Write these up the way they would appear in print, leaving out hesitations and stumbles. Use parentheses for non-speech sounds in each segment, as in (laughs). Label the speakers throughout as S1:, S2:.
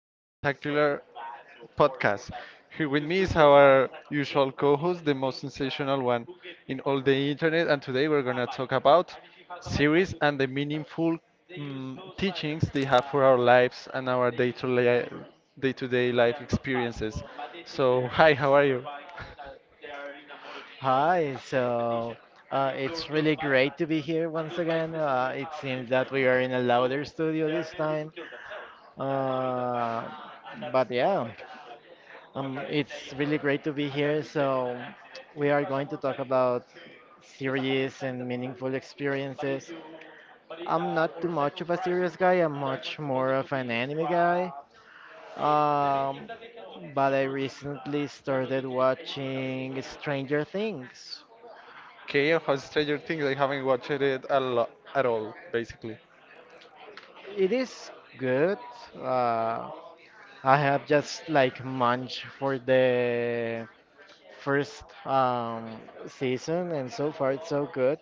S1: your spectacular podcast. Here with me is our usual co host, the most sensational one in all the internet. And today we're going to talk about series and the meaningful teachings they have for our lives and our day to day life experiences. So, hi, how are you?
S2: Hi, so it's really great
S1: (laughs)
S2: to be here once again. It seems that we are in a louder studio this time. Uh, but yeah, it's really great to be here. So we are going to talk about serious and meaningful experiences. I'm not too much of a serious guy, I'm much more of an anime guy. Um, but I recently started watching Stranger Things.
S1: Okay, and how Stranger Things? I haven't watched it a lot at all, basically.
S2: It is good. Uh, I have just like munched for the first season, and so far it's so good.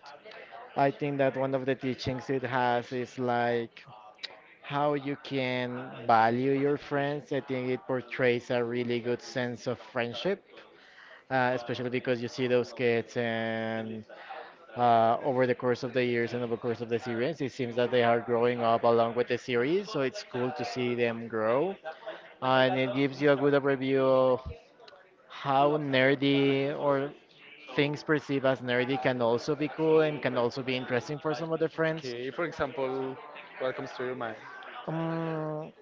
S2: I think that one of the teachings it has is like how you can value your friends. I think it portrays a really good sense of friendship, especially because you see those kids and over the course of the years and over the course of the series. It seems that they are growing up along with the series, so it's cool to see them grow. And it gives you a good overview of how nerdy or things perceived as nerdy can also be cool and can also be interesting for some of the friends.
S1: Okay, for example, what comes to your mind?
S2: Um,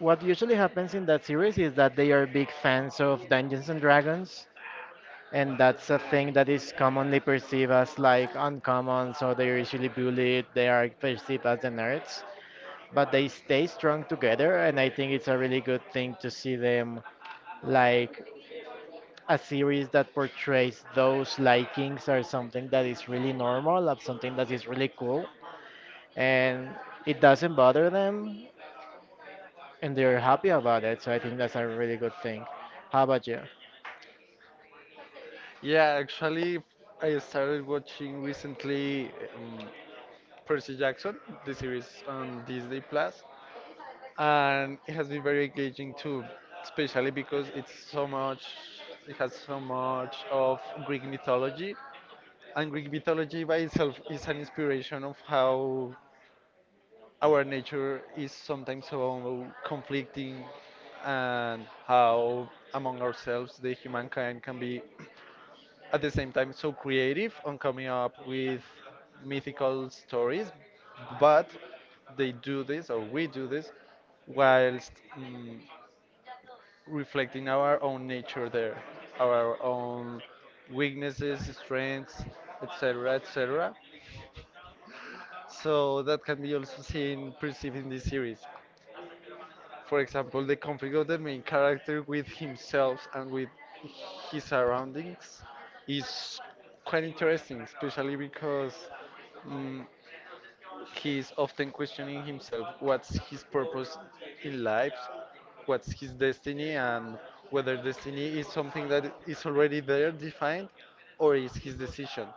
S2: what usually happens in that series is that they are big fans of Dungeons and Dragons. And that's a thing that is commonly perceived as like uncommon, so they're usually bullied, they are perceived as the nerds. But they stay strong together, and I think it's a really good thing to see them like a series that portrays those likings are something that is really normal of something that is really cool, and it doesn't bother them, and they're happy about it. So I think that's a really good thing. How about you?
S1: Yeah, actually, I started watching recently, Percy Jackson, the series on Disney Plus, and it has been very engaging too, especially because it's so much, it has so much of Greek mythology, and Greek mythology by itself is an inspiration of how our nature is sometimes so conflicting, and how among ourselves the humankind can be, (clears throat) at the same time, so creative on coming up with mythical stories, but they do this, or we do this, whilst mm, reflecting our own nature there, our own weaknesses, strengths, etc., etc. So that can be also seen, perceived in this series. For example, the conflict of the main character with himself and with his surroundings is quite interesting, especially because mm he is often questioning himself what's his purpose in life, what's his destiny, and whether destiny is something that is already there defined or is his decision.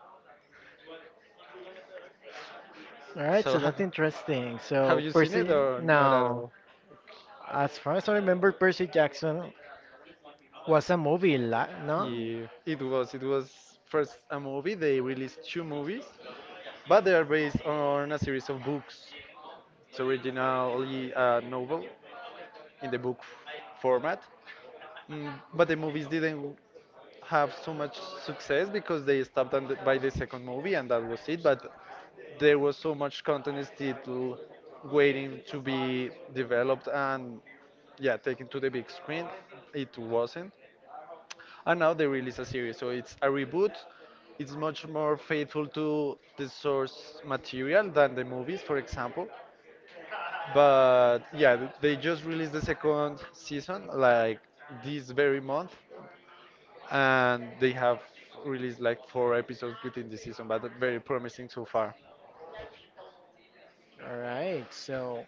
S2: All right,
S1: So,
S2: so that's interesting.
S1: (laughs) have
S2: So
S1: you seen it
S2: Percy.
S1: or not at
S2: Now,
S1: all?
S2: as far as I remember, Percy Jackson was a movie no.
S1: Yeah, it was. It was first a movie. They released two movies, but they are based on a series of books. It's originally a novel in the format. Mm, but the movies didn't have so much success because they stopped on the, by the second movie, and that was it. But there was so much content still waiting to be developed and, yeah, taken to the big screen. It wasn't, and now they release a series, so it's a reboot. It's much more faithful to the source material than the movies, for example. But yeah, they just released the second season like this very month, and they have released like four episodes within the season, but they're very promising so far.
S2: All right, so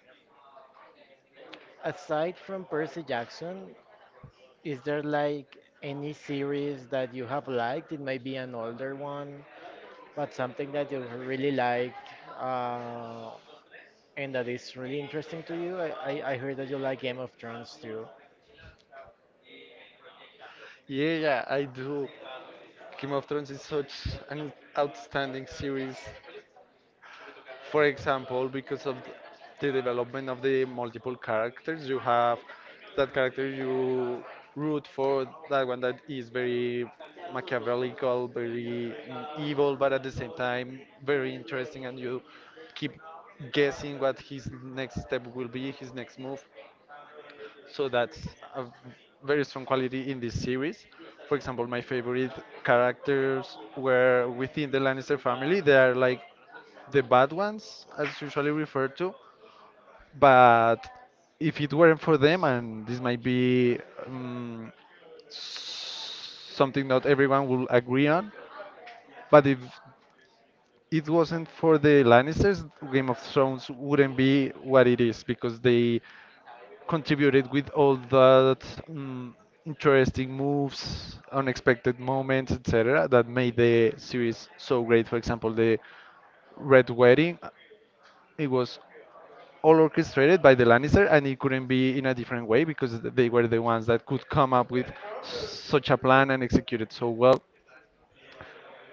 S2: aside from Percy Jackson, is there like any series that you have liked? It might be an older one, but something that you really liked, uh, and that is really interesting to you. I heard that you like Game of Thrones too.
S1: Yeah, yeah, I do. Game of Thrones is such an outstanding series. For example, because of the development of the multiple characters, you have that character you root for, that one that is very machiavellical, very evil, but at the same time very interesting, and you keep guessing what his next step will be, his next move. So that's a v- very strong quality in this series. For example, my favorite characters were within the Lannister family. They are like the bad ones, as usually referred to, but if it weren't for them, and this might be um, something not everyone will agree on, but if it wasn't for the Lannisters, Game of Thrones wouldn't be what it is because they contributed with all that um, interesting moves, unexpected moments, etc., that made the series so great. For example, the Red Wedding, it was all orchestrated by the Lannister, and it couldn't be in a different way because they were the ones that could come up with such a plan and execute it so well.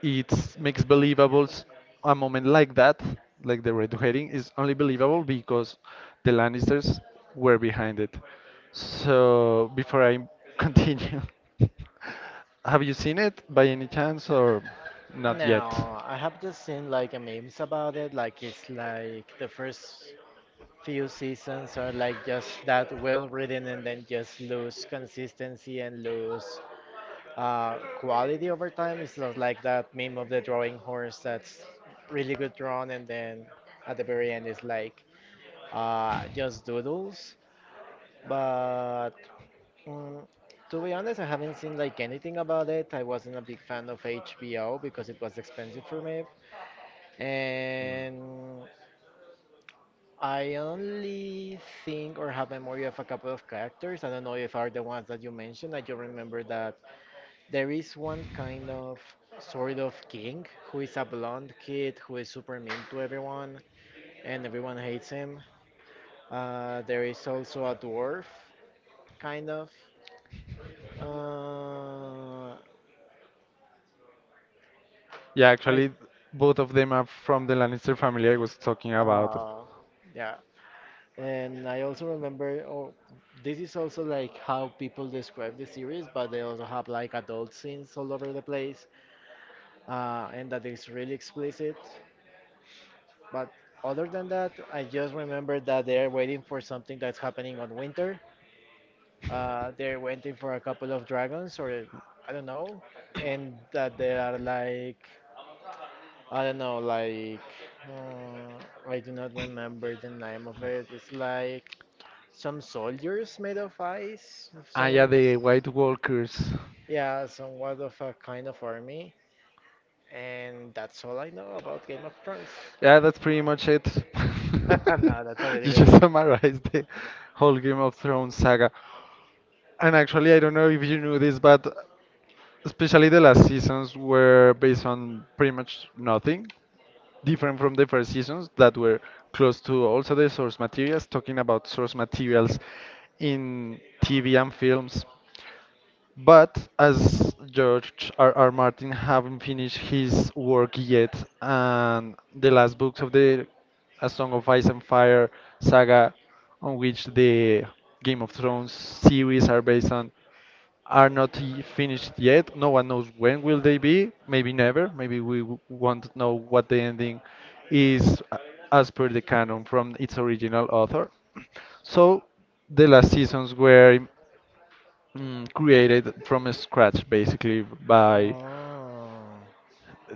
S1: It makes a moment like that, like the Red Wedding, is only believable because the Lannisters were behind it. So before I (laughs) continue, have you seen it by any chance or not yet?
S2: No, I have just seen like a memes about it. Like, it's like the first few seasons are like just that well written, and then just lose consistency and lose quality over time. It's not like that meme of the drawing horse that's really good drawn, and then at the very end it's like just doodles. But mm, to be honest, I haven't seen like anything about it. I wasn't a big fan of HBO because it was expensive for me, and I only think or have memory of a couple of characters. I don't know if are the ones that you mentioned. I just remember that there is one kind of sort of king who is a blonde kid who is super mean to everyone, and everyone hates him. There is also a dwarf, kind of. Uh,
S1: Yeah,
S2: I
S1: actually, both of them are from the Lannister family I was talking about.
S2: uh, yeah, and I also remember. Oh, this is also like how people describe the series, but they also have like adult scenes all over the place, and that is really explicit. But other than that, I just remember that they're waiting for something that's happening on winter. They're waiting for a couple of dragons, or I don't know, and that they are like I don't know, like uh, I do not remember the name of it. It's like some soldiers made of ice,
S1: Ah, yeah,
S2: some
S1: the White Walkers.
S2: yeah, somewhat of a kind of army. And that's all I know about Game of Thrones.
S1: Yeah, that's pretty much it.
S2: (laughs)
S1: (laughs)
S2: No, that's already
S1: You
S2: good.
S1: just summarized the whole Game of Thrones saga. And actually, I don't know if you knew this, but especially the last seasons were based on pretty much nothing, different from the first seasons that were close to also the source materials, talking about source materials in TV and films. But as George R. R. Martin haven't finished his work yet, and the last books of the A Song of Ice and Fire saga, on which the Game of Thrones series are based on, are not finished yet. No one knows when will they be. Maybe never. Maybe we won't know what the ending is as per the canon from its original author. (clears throat) So the last seasons were created from scratch basically by
S2: Oh,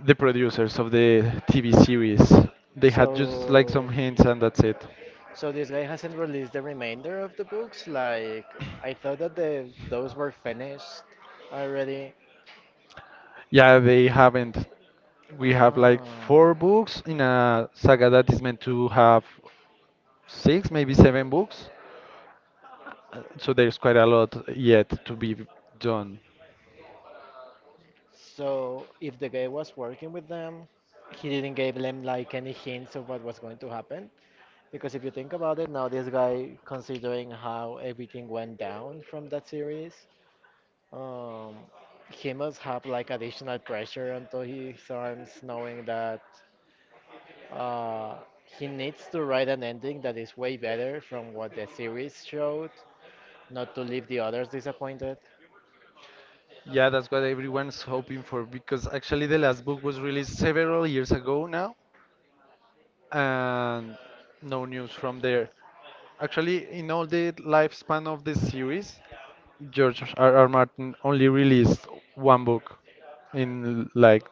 S1: the producers of the TV series. They had just like
S2: so.
S1: some hints, and that's it.
S2: so this guy hasn't released the remainder of the books. Like, I thought that the those were finished already.
S1: Yeah, they haven't. We have like four
S2: Oh,
S1: books in a saga that is meant to have six, maybe seven books. So there's quite a lot yet to be done.
S2: so if the guy was working with them, he didn't give them like any hints of what was going to happen. Because if you think about it, now this guy, considering how everything went down from that series, um, he must have like additional pressure onto his arms, knowing that. He needs to write an ending that is way better from what the series showed, not to leave the others disappointed.
S1: Yeah, that's what everyone's hoping for because actually the last book was released several years ago now, and no news from there. Actually, in all the lifespan of the series, George R. R. Martin only released one book in like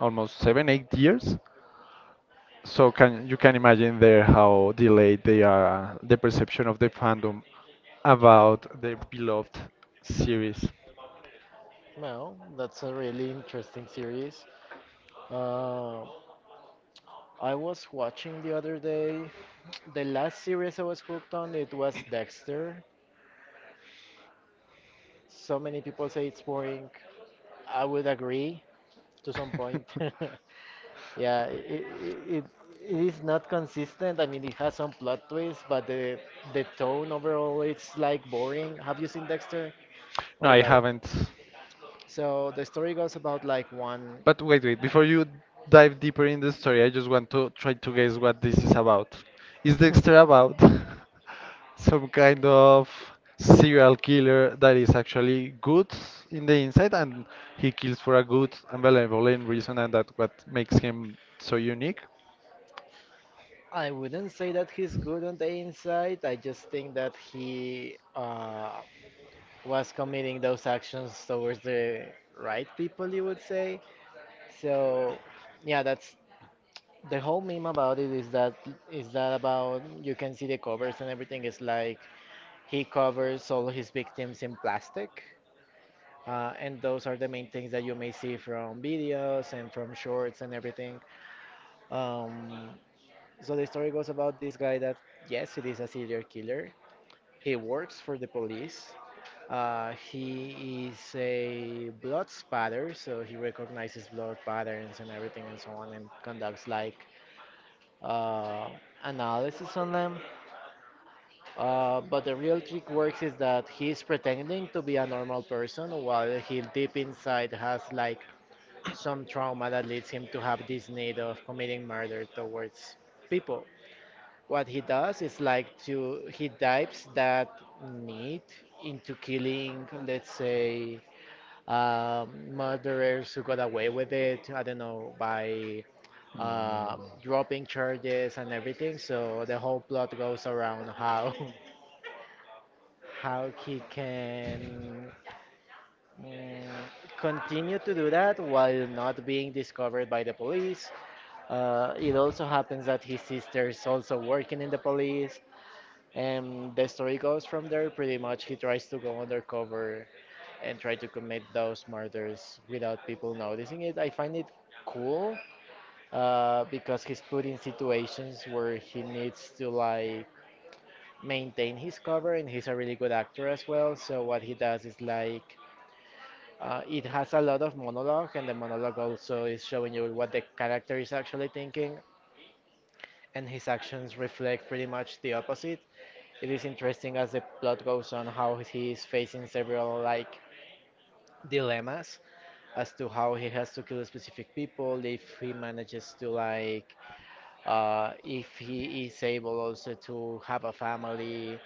S1: almost seven, 8 years. So can you can imagine there how delayed they are, the perception of the fandom
S2: Yeah,
S1: about their beloved series.
S2: well, that's a really interesting series. Uh, I was watching the other day. (tsk) The last series I was hooked on, it was Dexter. So many people say it's boring. I would agree to some point.
S1: (laughs)
S2: (laughs) Yeah, it is not consistent. I mean, it has some plot twists, but the tone overall it's like boring. Have you seen Dexter?
S1: No,
S2: Or
S1: I
S2: like,
S1: haven't.
S2: so the story goes about like one.
S1: But wait, wait, before you dive deeper in the story, I just want to try to guess what this is about. Is Dexter
S2: (clears throat)
S1: about (laughs) some kind of serial killer that is actually good in the inside, and he kills for a good and benevolent reason, and that what makes him so unique?
S2: (laughs) I wouldn't say that he's good on the inside. I just think that he was committing those actions towards the right people, you would say. So yeah, that's the whole meme about it, is that about, you can see the covers and everything is like he covers all his victims in plastic. And those are the main things that you may see from videos and from shorts and everything. Um, so the story goes about this guy that, yes, it is a serial killer. He works for the police. He is a blood spatter, so he recognizes blood patterns and everything and so on and conducts like uh, analysis on them. But the real trick works is that he's pretending to be a normal person while he deep inside has like some trauma that leads him to have this need of committing murder towards people. What he does is like to he dives that need into killing, let's say, murderers who got away with it. I don't know by uh,
S1: Mm.
S2: dropping charges and everything. So the whole plot goes around how. (laughs) how he can mm, continue to do that while not being discovered by the police. It also happens that his sister is also working in the police, and the story goes from there. Pretty much, he tries to go undercover and try to commit those murders without people noticing it. I find it cool because he's put in situations where he needs to like maintain his cover, and he's a really good actor as well. So what he does is like it has a lot of monologue, and the monologue also is showing you what the character is actually thinking, and his actions reflect pretty much the opposite. It is interesting as the plot goes on how he is facing several like dilemmas as to how he has to kill specific people if he manages to like if he is able also to have a family,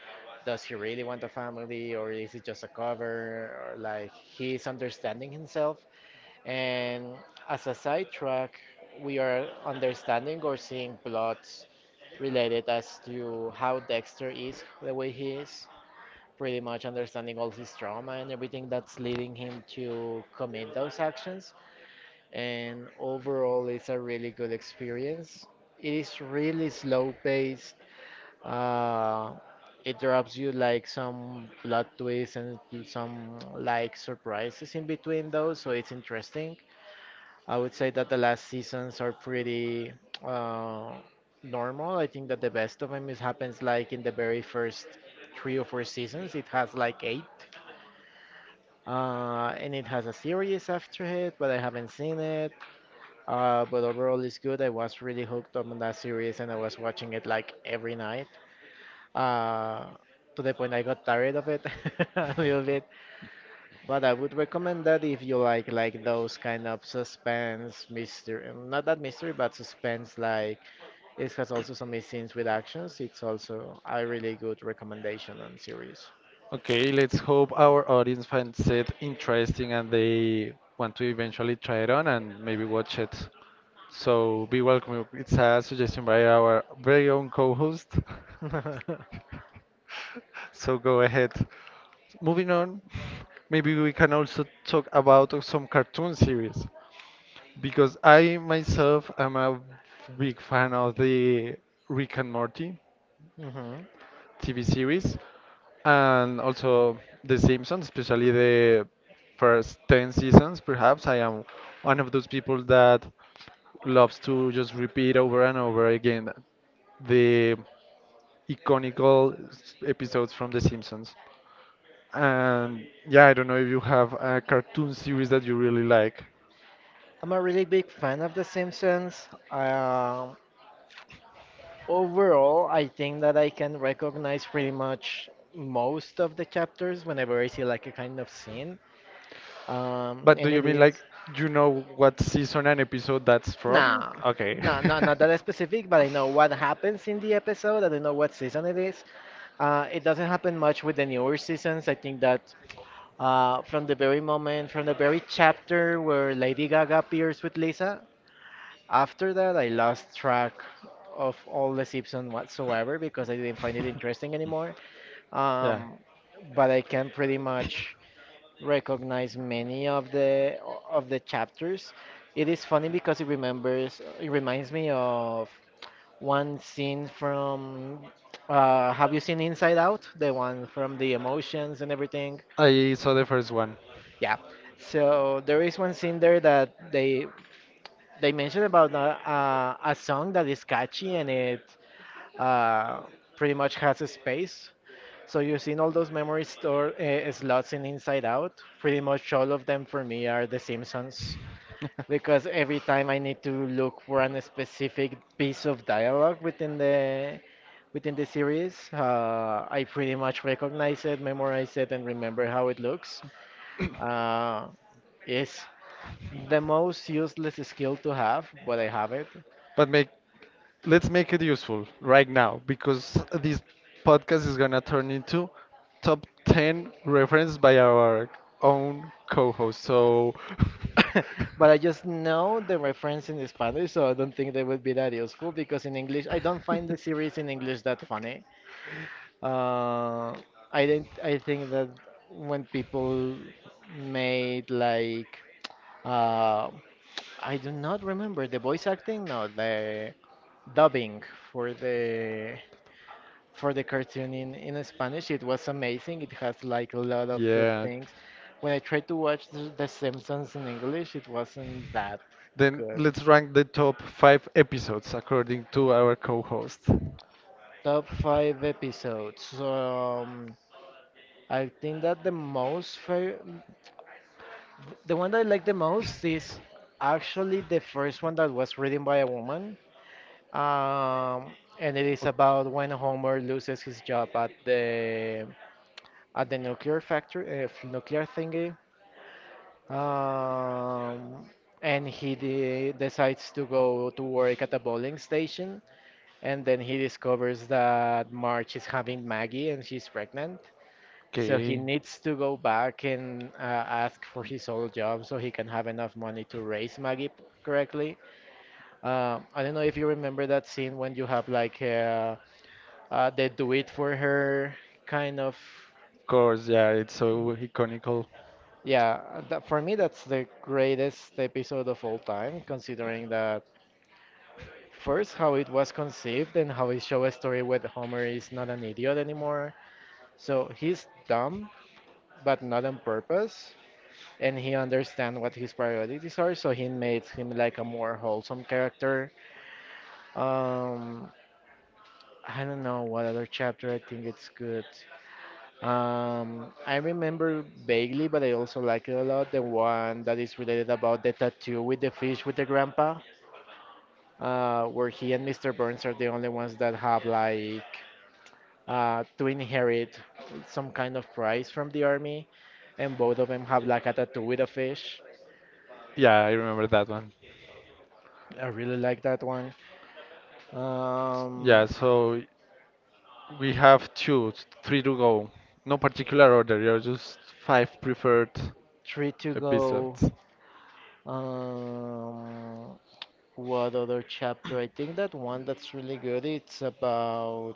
S2: does he really want a family, or is it just a cover? Or like he's understanding himself. And as a sidetrack, we are understanding or seeing plots related as to how Dexter is the way he is, pretty much understanding all his trauma and everything that's leading him to commit those actions, and overall it's a really good experience. It is really slow paced. Uh, it drops you like some plot twists and some like surprises in between those, so it's interesting. I would say that the last seasons are pretty uh, normal. I think that the best of them is happens like in the very first three or four seasons. It has like eight, and it has a series after it, but I haven't seen it. But overall, it's good. I was really hooked on that series, and I was watching it like every night. Uh, to the point I got tired of it (laughs) a little bit. But I would recommend that if you like those kind of suspense mystery, not that mystery, but suspense like it has also some nice scenes with actions. It's also a really good recommendation on series.
S1: Okay, let's hope our audience finds it interesting and they want to eventually try it on and maybe watch it. So be welcome. It's a suggestion by our very own co-host. (laughs)
S2: (laughs)
S1: So go ahead. Moving on, maybe we can also talk about some cartoon series because I myself am a big fan of the Rick and Morty.
S2: hmm
S1: TV series, and also The Simpsons, especially the first 10 seasons. Perhaps I am one of those people that loves to just repeat over and over again the episodes from The Simpsons. And yeah, I don't know if you have a cartoon series that you really like.
S2: I'm a really big fan of The Simpsons. Overall, I think that I can recognize pretty much most of the chapters whenever I see like a kind of scene.
S1: But do
S2: And
S1: you
S2: it
S1: mean like
S2: is
S1: you know what season and episode that's from?
S2: nah,
S1: Okay.
S2: nah, nah, not that
S1: (laughs)
S2: specific, but I know what happens in the episode. I don't know what season it is. It doesn't happen much with the newer seasons. I think that
S1: (laughs)
S2: from the very moment, from the very chapter where Lady Gaga appears with Lisa, after that I lost track of all the Simpsons whatsoever because I didn't find it interesting anymore.
S1: Yeah.
S2: um, but I can pretty much recognize many of the chapters. It is funny because it reminds me of one scene from have you seen Inside Out? The one from the emotions and everything.
S1: I saw the first one.
S2: Yeah. So there is one scene there that they mentioned about a song that is catchy, and it uh, pretty much has a space. So you've seen all those memory store slots in Inside Out. Pretty much all of them for me are The Simpsons because
S1: (laughs)
S2: every time I need to look for an specific piece of dialogue within the series, I pretty much recognize it, memorize it, and remember how it looks. Uh, is the most useless skill to have, but I have it.
S1: But make Let's make it useful right now because this podcast is gonna turn into top 10 reference by our own co-host. So
S2: (laughs) But I just know the reference in Spanish, so I don't think they would be that useful
S1: (laughs)
S2: because in English, I don't find the series in English that funny. Uh, I didn't, I think that when made like, uh, I do not remember the voice acting, no, the dubbing for the for the cartoon in Spanish. It was amazing. It has like a lot of good
S1: Yeah.
S2: things. When I tried to watch the Simpsons in English, it wasn't that
S1: Then
S2: good.
S1: let's rank the top five episodes according to our co-host.
S2: Top five episodes. I think that the most fair, the one that I like the most is actually the first one that was written by a woman. And it is about when Homer loses his job at the nuclear factory, nuclear thingy. Um, and he de decides to go to work at a bowling station, and then he discovers that Marge is having Maggie and she's pregnant. So he
S1: Okay.
S2: needs to go back and ask for his old job so he can have enough money to raise Maggie correctly. I don't know if you remember that scene when you have like they do it for her, kind of.
S1: Of course, yeah, it's so iconical.
S2: Yeah, for me that's the greatest episode of all time, considering that first how it was conceived and how it show a story where Homer is not an idiot anymore. So he's dumb, but not on purpose, and he understands what his priorities are. So he made him like a more wholesome character. Um, I don't know what other chapter I think it's good. I remember vaguely, but I also like it a lot. The one that is related about the tattoo with the fish with the grandpa, where he and Mr. Burns are the only ones that have like to inherit some kind of prize from the army, and both of them have like a tattoo with a fish.
S1: Yeah, I remember that one.
S2: I really like that one.
S1: Yeah,
S2: Um,
S1: so we have two, three to go. No particular order, you're just five preferred
S2: Three to go.
S1: episodes.
S2: Um, what other chapter? I think that one that's really good.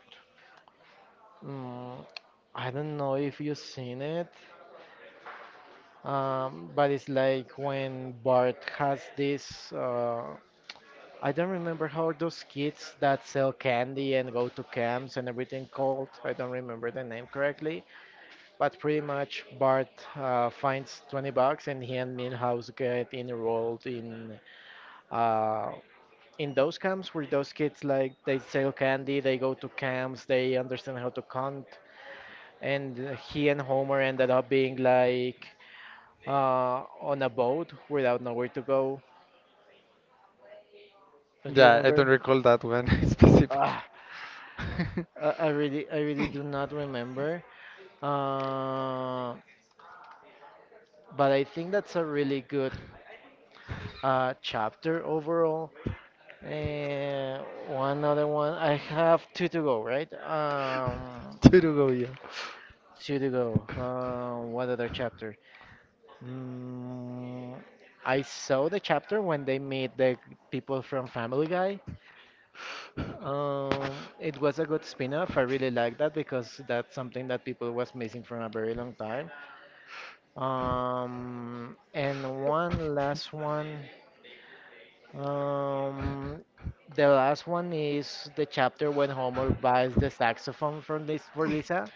S2: mm, I don't know if you've seen it, but it's like when Bart has this. I don't remember how are those kids that sell candy and go to camps and everything called. I don't remember the name correctly, but pretty much Bart finds 20 bucks and he and Milhouse get enrolled uh, in those camps where those kids like they sell candy, they go to camps, they understand how to count, and he and Homer ended up being like on a boat without nowhere to go. Don't you
S1: Yeah, I don't
S2: remember?
S1: recall that one (laughs) specifically.
S2: Ah,
S1: (laughs)
S2: I really, I really do not remember. Uh, but I think that's a really good chapter overall. Uh, One other one. I have two to go, right?
S1: Turugo, yeah.
S2: Two to go. What other chapter? Mm, I saw the chapter when they meet the people from Family Guy. It was a good spin-off. I really like that because that's something that people was missing from a very long time. And one last one. Um, the last one is the chapter when Homer buys the saxophone from this for Lisa,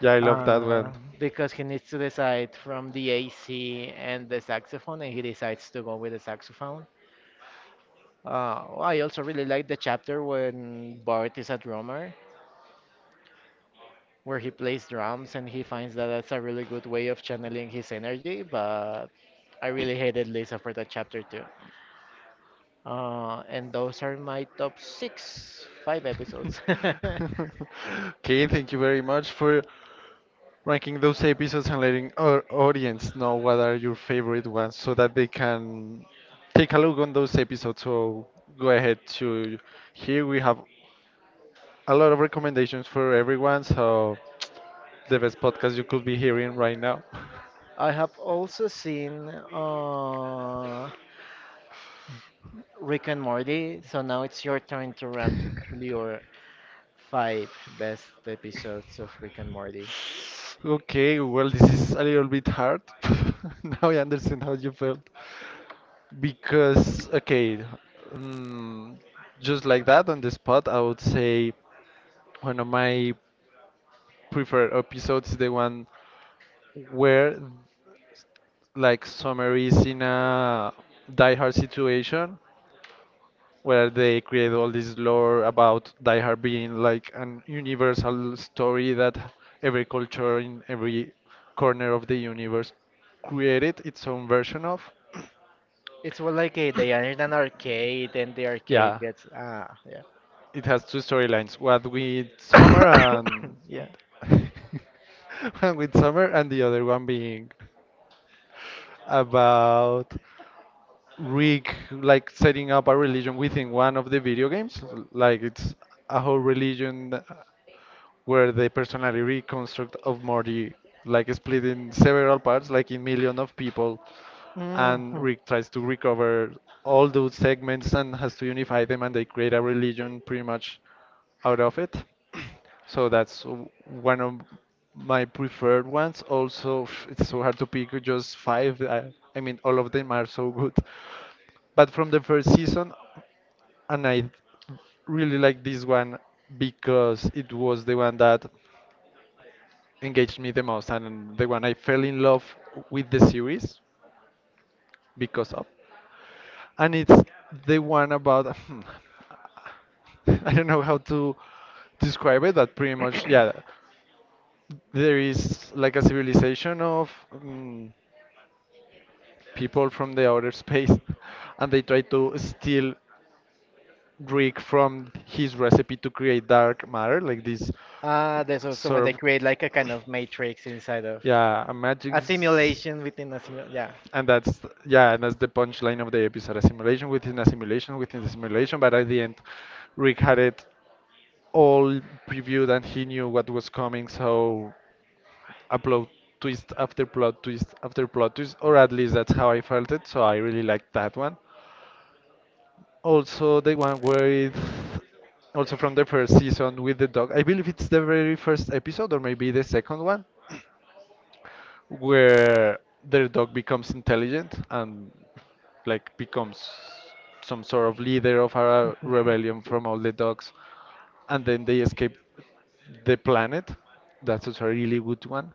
S1: Yeah, I love that
S2: uh,
S1: one.
S2: because he needs to decide from the AC and the saxophone, and he decides to go with the saxophone. I also really like the chapter when Bart is a drummer, where he plays drums, and he finds that that's a really good way of channeling his energy. But I really hated Lisa for that chapter too. And those are my top six, five episodes.
S1: (laughs) Okay, thank you very much for ranking those episodes and letting our audience know what are your favorite ones so that they can take a look on those episodes. So go ahead to here we have a lot of recommendations for everyone, so (tsk) the best podcast you could be hearing right now. (laughs)
S2: (laughs) I have also seen Rick and Morty, so now it's your turn to rank your five best episodes of Rick and Morty.
S1: Okay, well, this is a little bit hard. (laughs) Now I understand how you felt. Because, okay, um, just like that on the spot, I would say one of my preferred episodes is the one where, like, Summer is in a die-hard situation where they create all this lore about Die Hard being like an universal story that every culture in every corner of the universe created its own version of.
S2: It's more like
S1: (clears throat)
S2: they are in an arcade, and the arcade
S1: Yeah,
S2: gets ah.
S1: it has two storylines: one with
S2: Yeah.
S1: Summer and
S2: (coughs) Yeah.
S1: (laughs) one with Summer, and the other one being about rig like setting up a religion within one of the video games. Like it's a whole religion where the personality reconstruct of Morty like split in several parts, like in million of people, and
S2: Hmm.
S1: Rick tries to recover all those segments and has to unify them, and they create a religion pretty much out of it. So that's one of my preferred ones. Also, (sighs) it's so hard to pick just five. I mean, all of them are so good. But from the first season, and I really like this one because it was the one that engaged me the most and the one I fell in love with the series because of. And it's the one about, hmm, (laughs) I don't know how to describe it, but pretty much, yeah, there is like a civilization of people from the outer space, (laughs) and they try to steal Rick from his recipe to create dark matter, like this
S2: Ah, there's also
S1: sort
S2: when they
S1: of.
S2: create like a kind of matrix inside of
S1: Yeah, a magic.
S2: a
S1: s-
S2: simulation within a simul. Yeah.
S1: and that's yeah, and that's the punchline of the episode: a simulation within the simulation. But at the end, Rick had it all previewed, and he knew what was coming. So a plot twist after plot twist after plot twist, or at least that's how I felt it. So I really liked that one. Also, the one with, also from the first season, with the dog. I believe it's the very first episode, or maybe the second one where their dog becomes intelligent and like becomes some sort of leader of a rebellion from all the dogs, and then they escape the planet. That's also a really good one.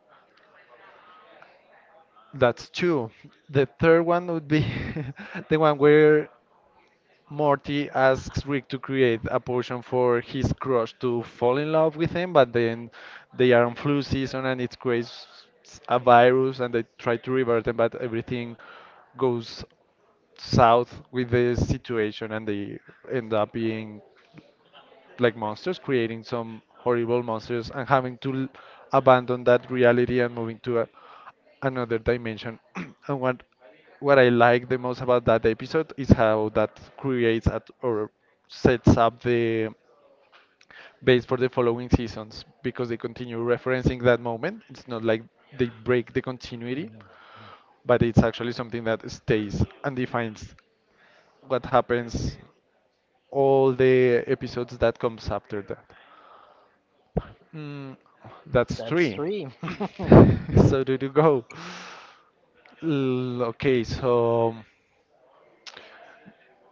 S1: That's two. The third one would be (laughs) the one where Morty asks Rick to create a potion for his crush to fall in love with him, but then they are on flu season and it creates a virus, and they try to revert it, but everything goes south with the situation and they end up being like monsters, creating some horrible monsters and having to abandon that reality and moving to another dimension. (clears throat) And what I like the most about that episode is how that creates at, or sets up the base for the following seasons, because they continue referencing that moment. It's not like they break the continuity, but it's actually something that stays and defines what happens all the episodes that comes after that. Mm, that's
S2: That's
S1: three.
S2: three. (laughs)
S1: (laughs) So do you go? Okay, so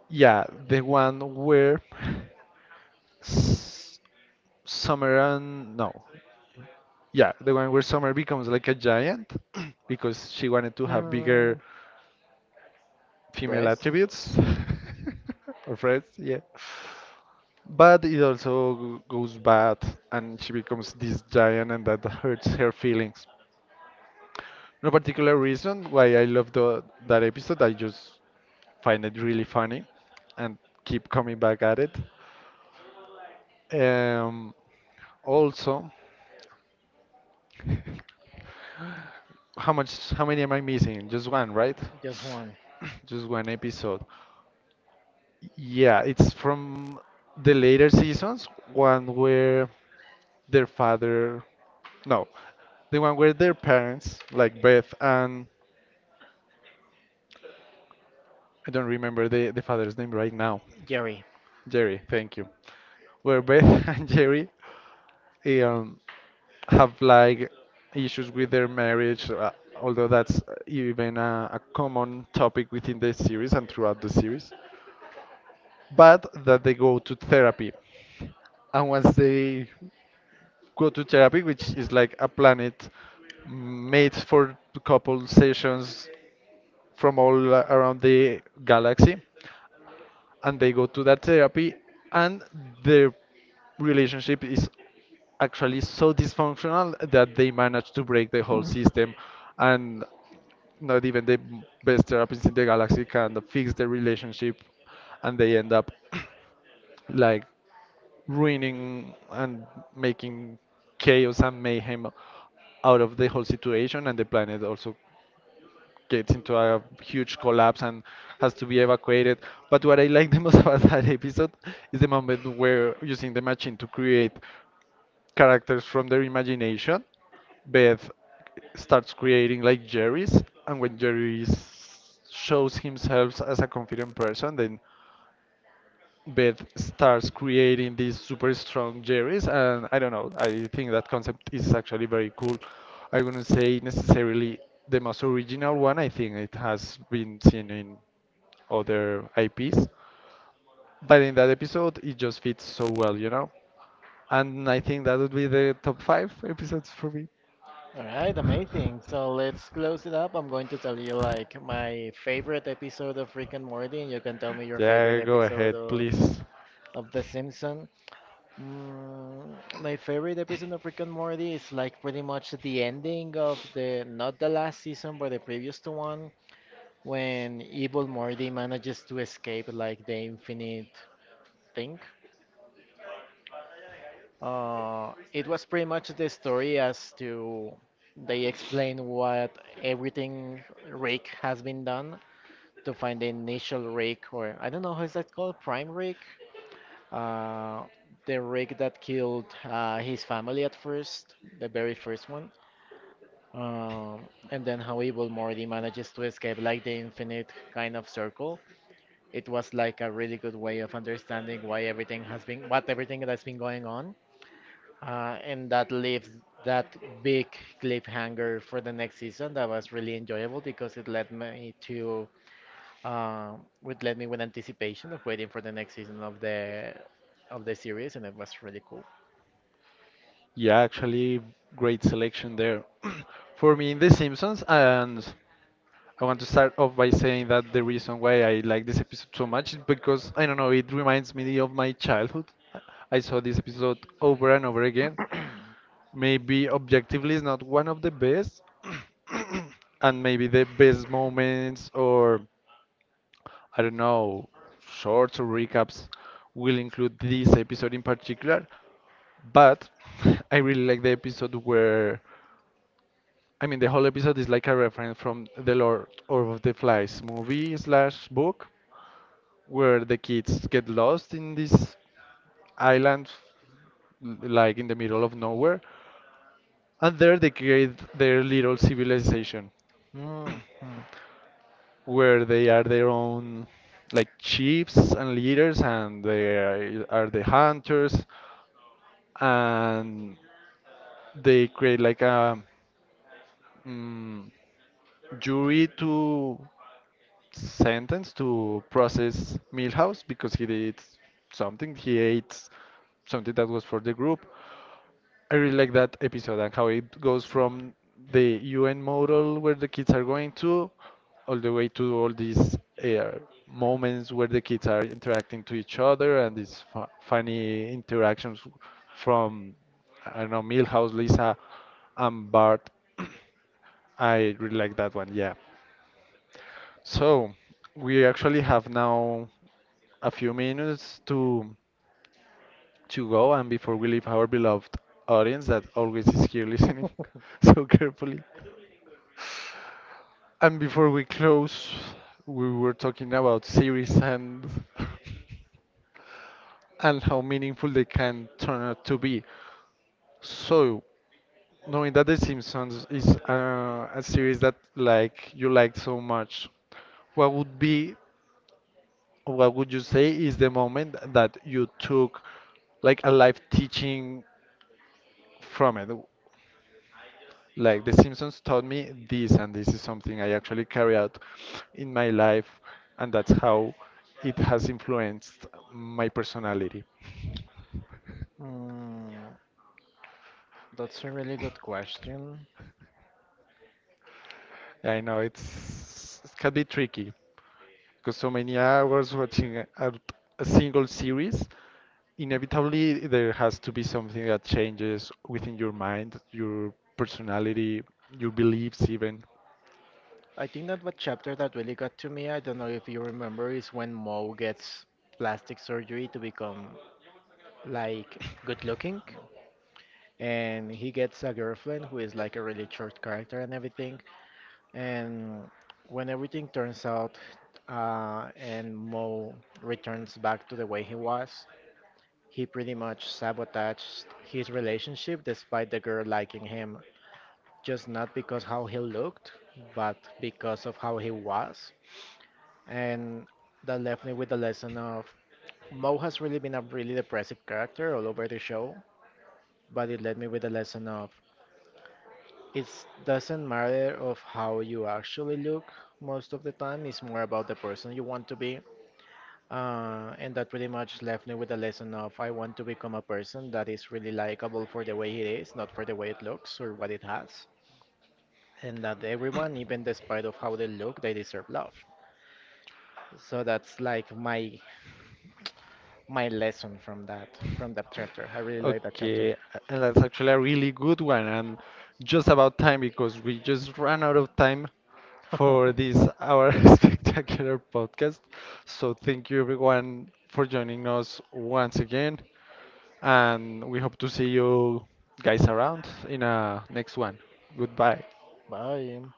S1: yeah, the one where s- Summer and no, yeah, the one where Summer becomes like a giant (clears throat) because she wanted to have
S2: Hmm.
S1: bigger female
S2: Breast.
S1: attributes (laughs) or friends, yeah. But it also goes bad, and she becomes this giant, and that hurts her feelings. No particular reason why I love that episode. I just find it really funny, and keep coming back at it. Um, Also, (laughs) how much? How many am I missing? Just one, right?
S2: Just one.
S1: (clears throat) (coughs) Just one episode. Yeah, it's from the later seasons, one where their father, no, the one where their parents, like Beth and I don't remember the father's name right now.
S2: Gary.
S1: Jerry, thank you. Where Beth (laughs) and Jerry um, have like issues with their marriage, although that's even a common topic within the series and throughout the series, but that they go to therapy. And once they go to therapy, which is like a planet made for couple sessions from all around the galaxy, and they go to that therapy, and their relationship is actually so dysfunctional that they manage to break the whole system, and not even the best therapists in the galaxy can fix the relationship, and they end up (clears throat) like ruining and making chaos and mayhem out of the whole situation, and the planet also gets into a huge collapse and has to be evacuated. But what I like the most (laughs) about that episode is the moment where, using the machine to create characters from their imagination, Beth starts creating like Jerry's, and when Jerry shows himself as a confident person, then Beth starts creating these super strong Jerrys, and I don't know, I think that concept is actually very cool. I wouldn't say necessarily the most original one, I think it has been seen in other IPs, but in that episode, it just fits so well, you know? And I think that would be the top five episodes for me.
S2: All right,
S1: (laughs)
S2: amazing. So let's close it up. I'm going to tell you like my favorite episode of Rick and Morty, and you can tell me your favorite
S1: Yeah, go
S2: episode
S1: ahead, please.
S2: of The Simpsons. Mm, my favorite episode of Rick and Morty is like pretty much the ending of the not the last season, but the previous to one, when evil Morty manages to escape like the infinite thing. It was pretty much the story as to they explain what everything rig has been done to find the initial rig, or I don't know how is that called, prime rig, uh, the rig that killed his family at first, the very first one, um, and then how Evil Morty manages to escape like the infinite kind of circle. It was like a really good way of understanding why everything has been, what everything that's been going on and that leaves that big cliffhanger for the next season. That was really enjoyable because it led me to, uh, it led me with anticipation of waiting for the next season of the series, and it was really cool.
S1: Yeah, actually, great selection there. (clears throat) For me, in The Simpsons, and I want to start off by saying that the reason why I like this episode so much is because, I don't know, it reminds me of my childhood. I I saw this episode over and over again. Maybe objectively it's not one of the best, and maybe the best moments or, I don't know, shorts or recaps will include this episode in particular. But (laughs) I really like the episode where, I mean, the whole episode is like a reference from The Lord of the Flies movie slash book, where the kids get lost in this island, like in the middle of nowhere, and there they create their little civilization,
S2: Mm, mm,
S1: where they are their own, like chiefs and leaders, and they are the hunters, and they create like a Mm, jury to sentence to process Milhouse because he did something. He ate something that was for the group. I really like that episode and how it goes from the UN model where the kids are going to, all the way to all these uh, moments where the kids are interacting to each other and these fu funny interactions from, I don't know, Milhouse, Lisa, and Bart. (clears throat) I really like that one, yeah. So we actually have now a few minutes to go, and before we leave our beloved audience that always is here listening (laughs) so carefully. And before we close, we were talking about series and (laughs) and how meaningful they can turn out to be. So, knowing that The Simpsons is a series that like you like so much, what would be what would you say is the moment that you took like a life teaching from it? Like, The Simpsons taught me this, and this is something I actually carry out in my life, and that's how it has influenced my personality.
S2: mm. That's a really good question.
S1: I know it can be tricky because so many hours watching a single series, inevitably there has to be something that changes within your mind, your personality, your beliefs even.
S2: I think that what chapter that really got to me, I don't know if you remember, is when Mo gets plastic surgery to become like good looking. And he gets a girlfriend who is like a really short character and everything. And when everything turns out and Mo returns back to the way he was, he pretty much sabotaged his relationship despite the girl liking him, just not because how he looked, but because of how he was. And that left me with the lesson of Mo has really been a really depressive character all over the show, but it led me with the lesson of it doesn't matter of how you actually look most of the time. It's more about the person you want to be. And that pretty much left me with a lesson of I want to become a person that is really likable for the way it is, not for the way it looks or what it has. And that everyone, even despite of how they look, they deserve love. So that's like my lesson from that chapter. I really like that chapter.
S1: Okay, and that's actually a really good one, and just about time because we just ran out of time for this
S2: (laughs)
S1: our (laughs) spectacular podcast. So thank you everyone for joining us once again, and we hope to see you guys around in a next one. Goodbye.
S2: Bye.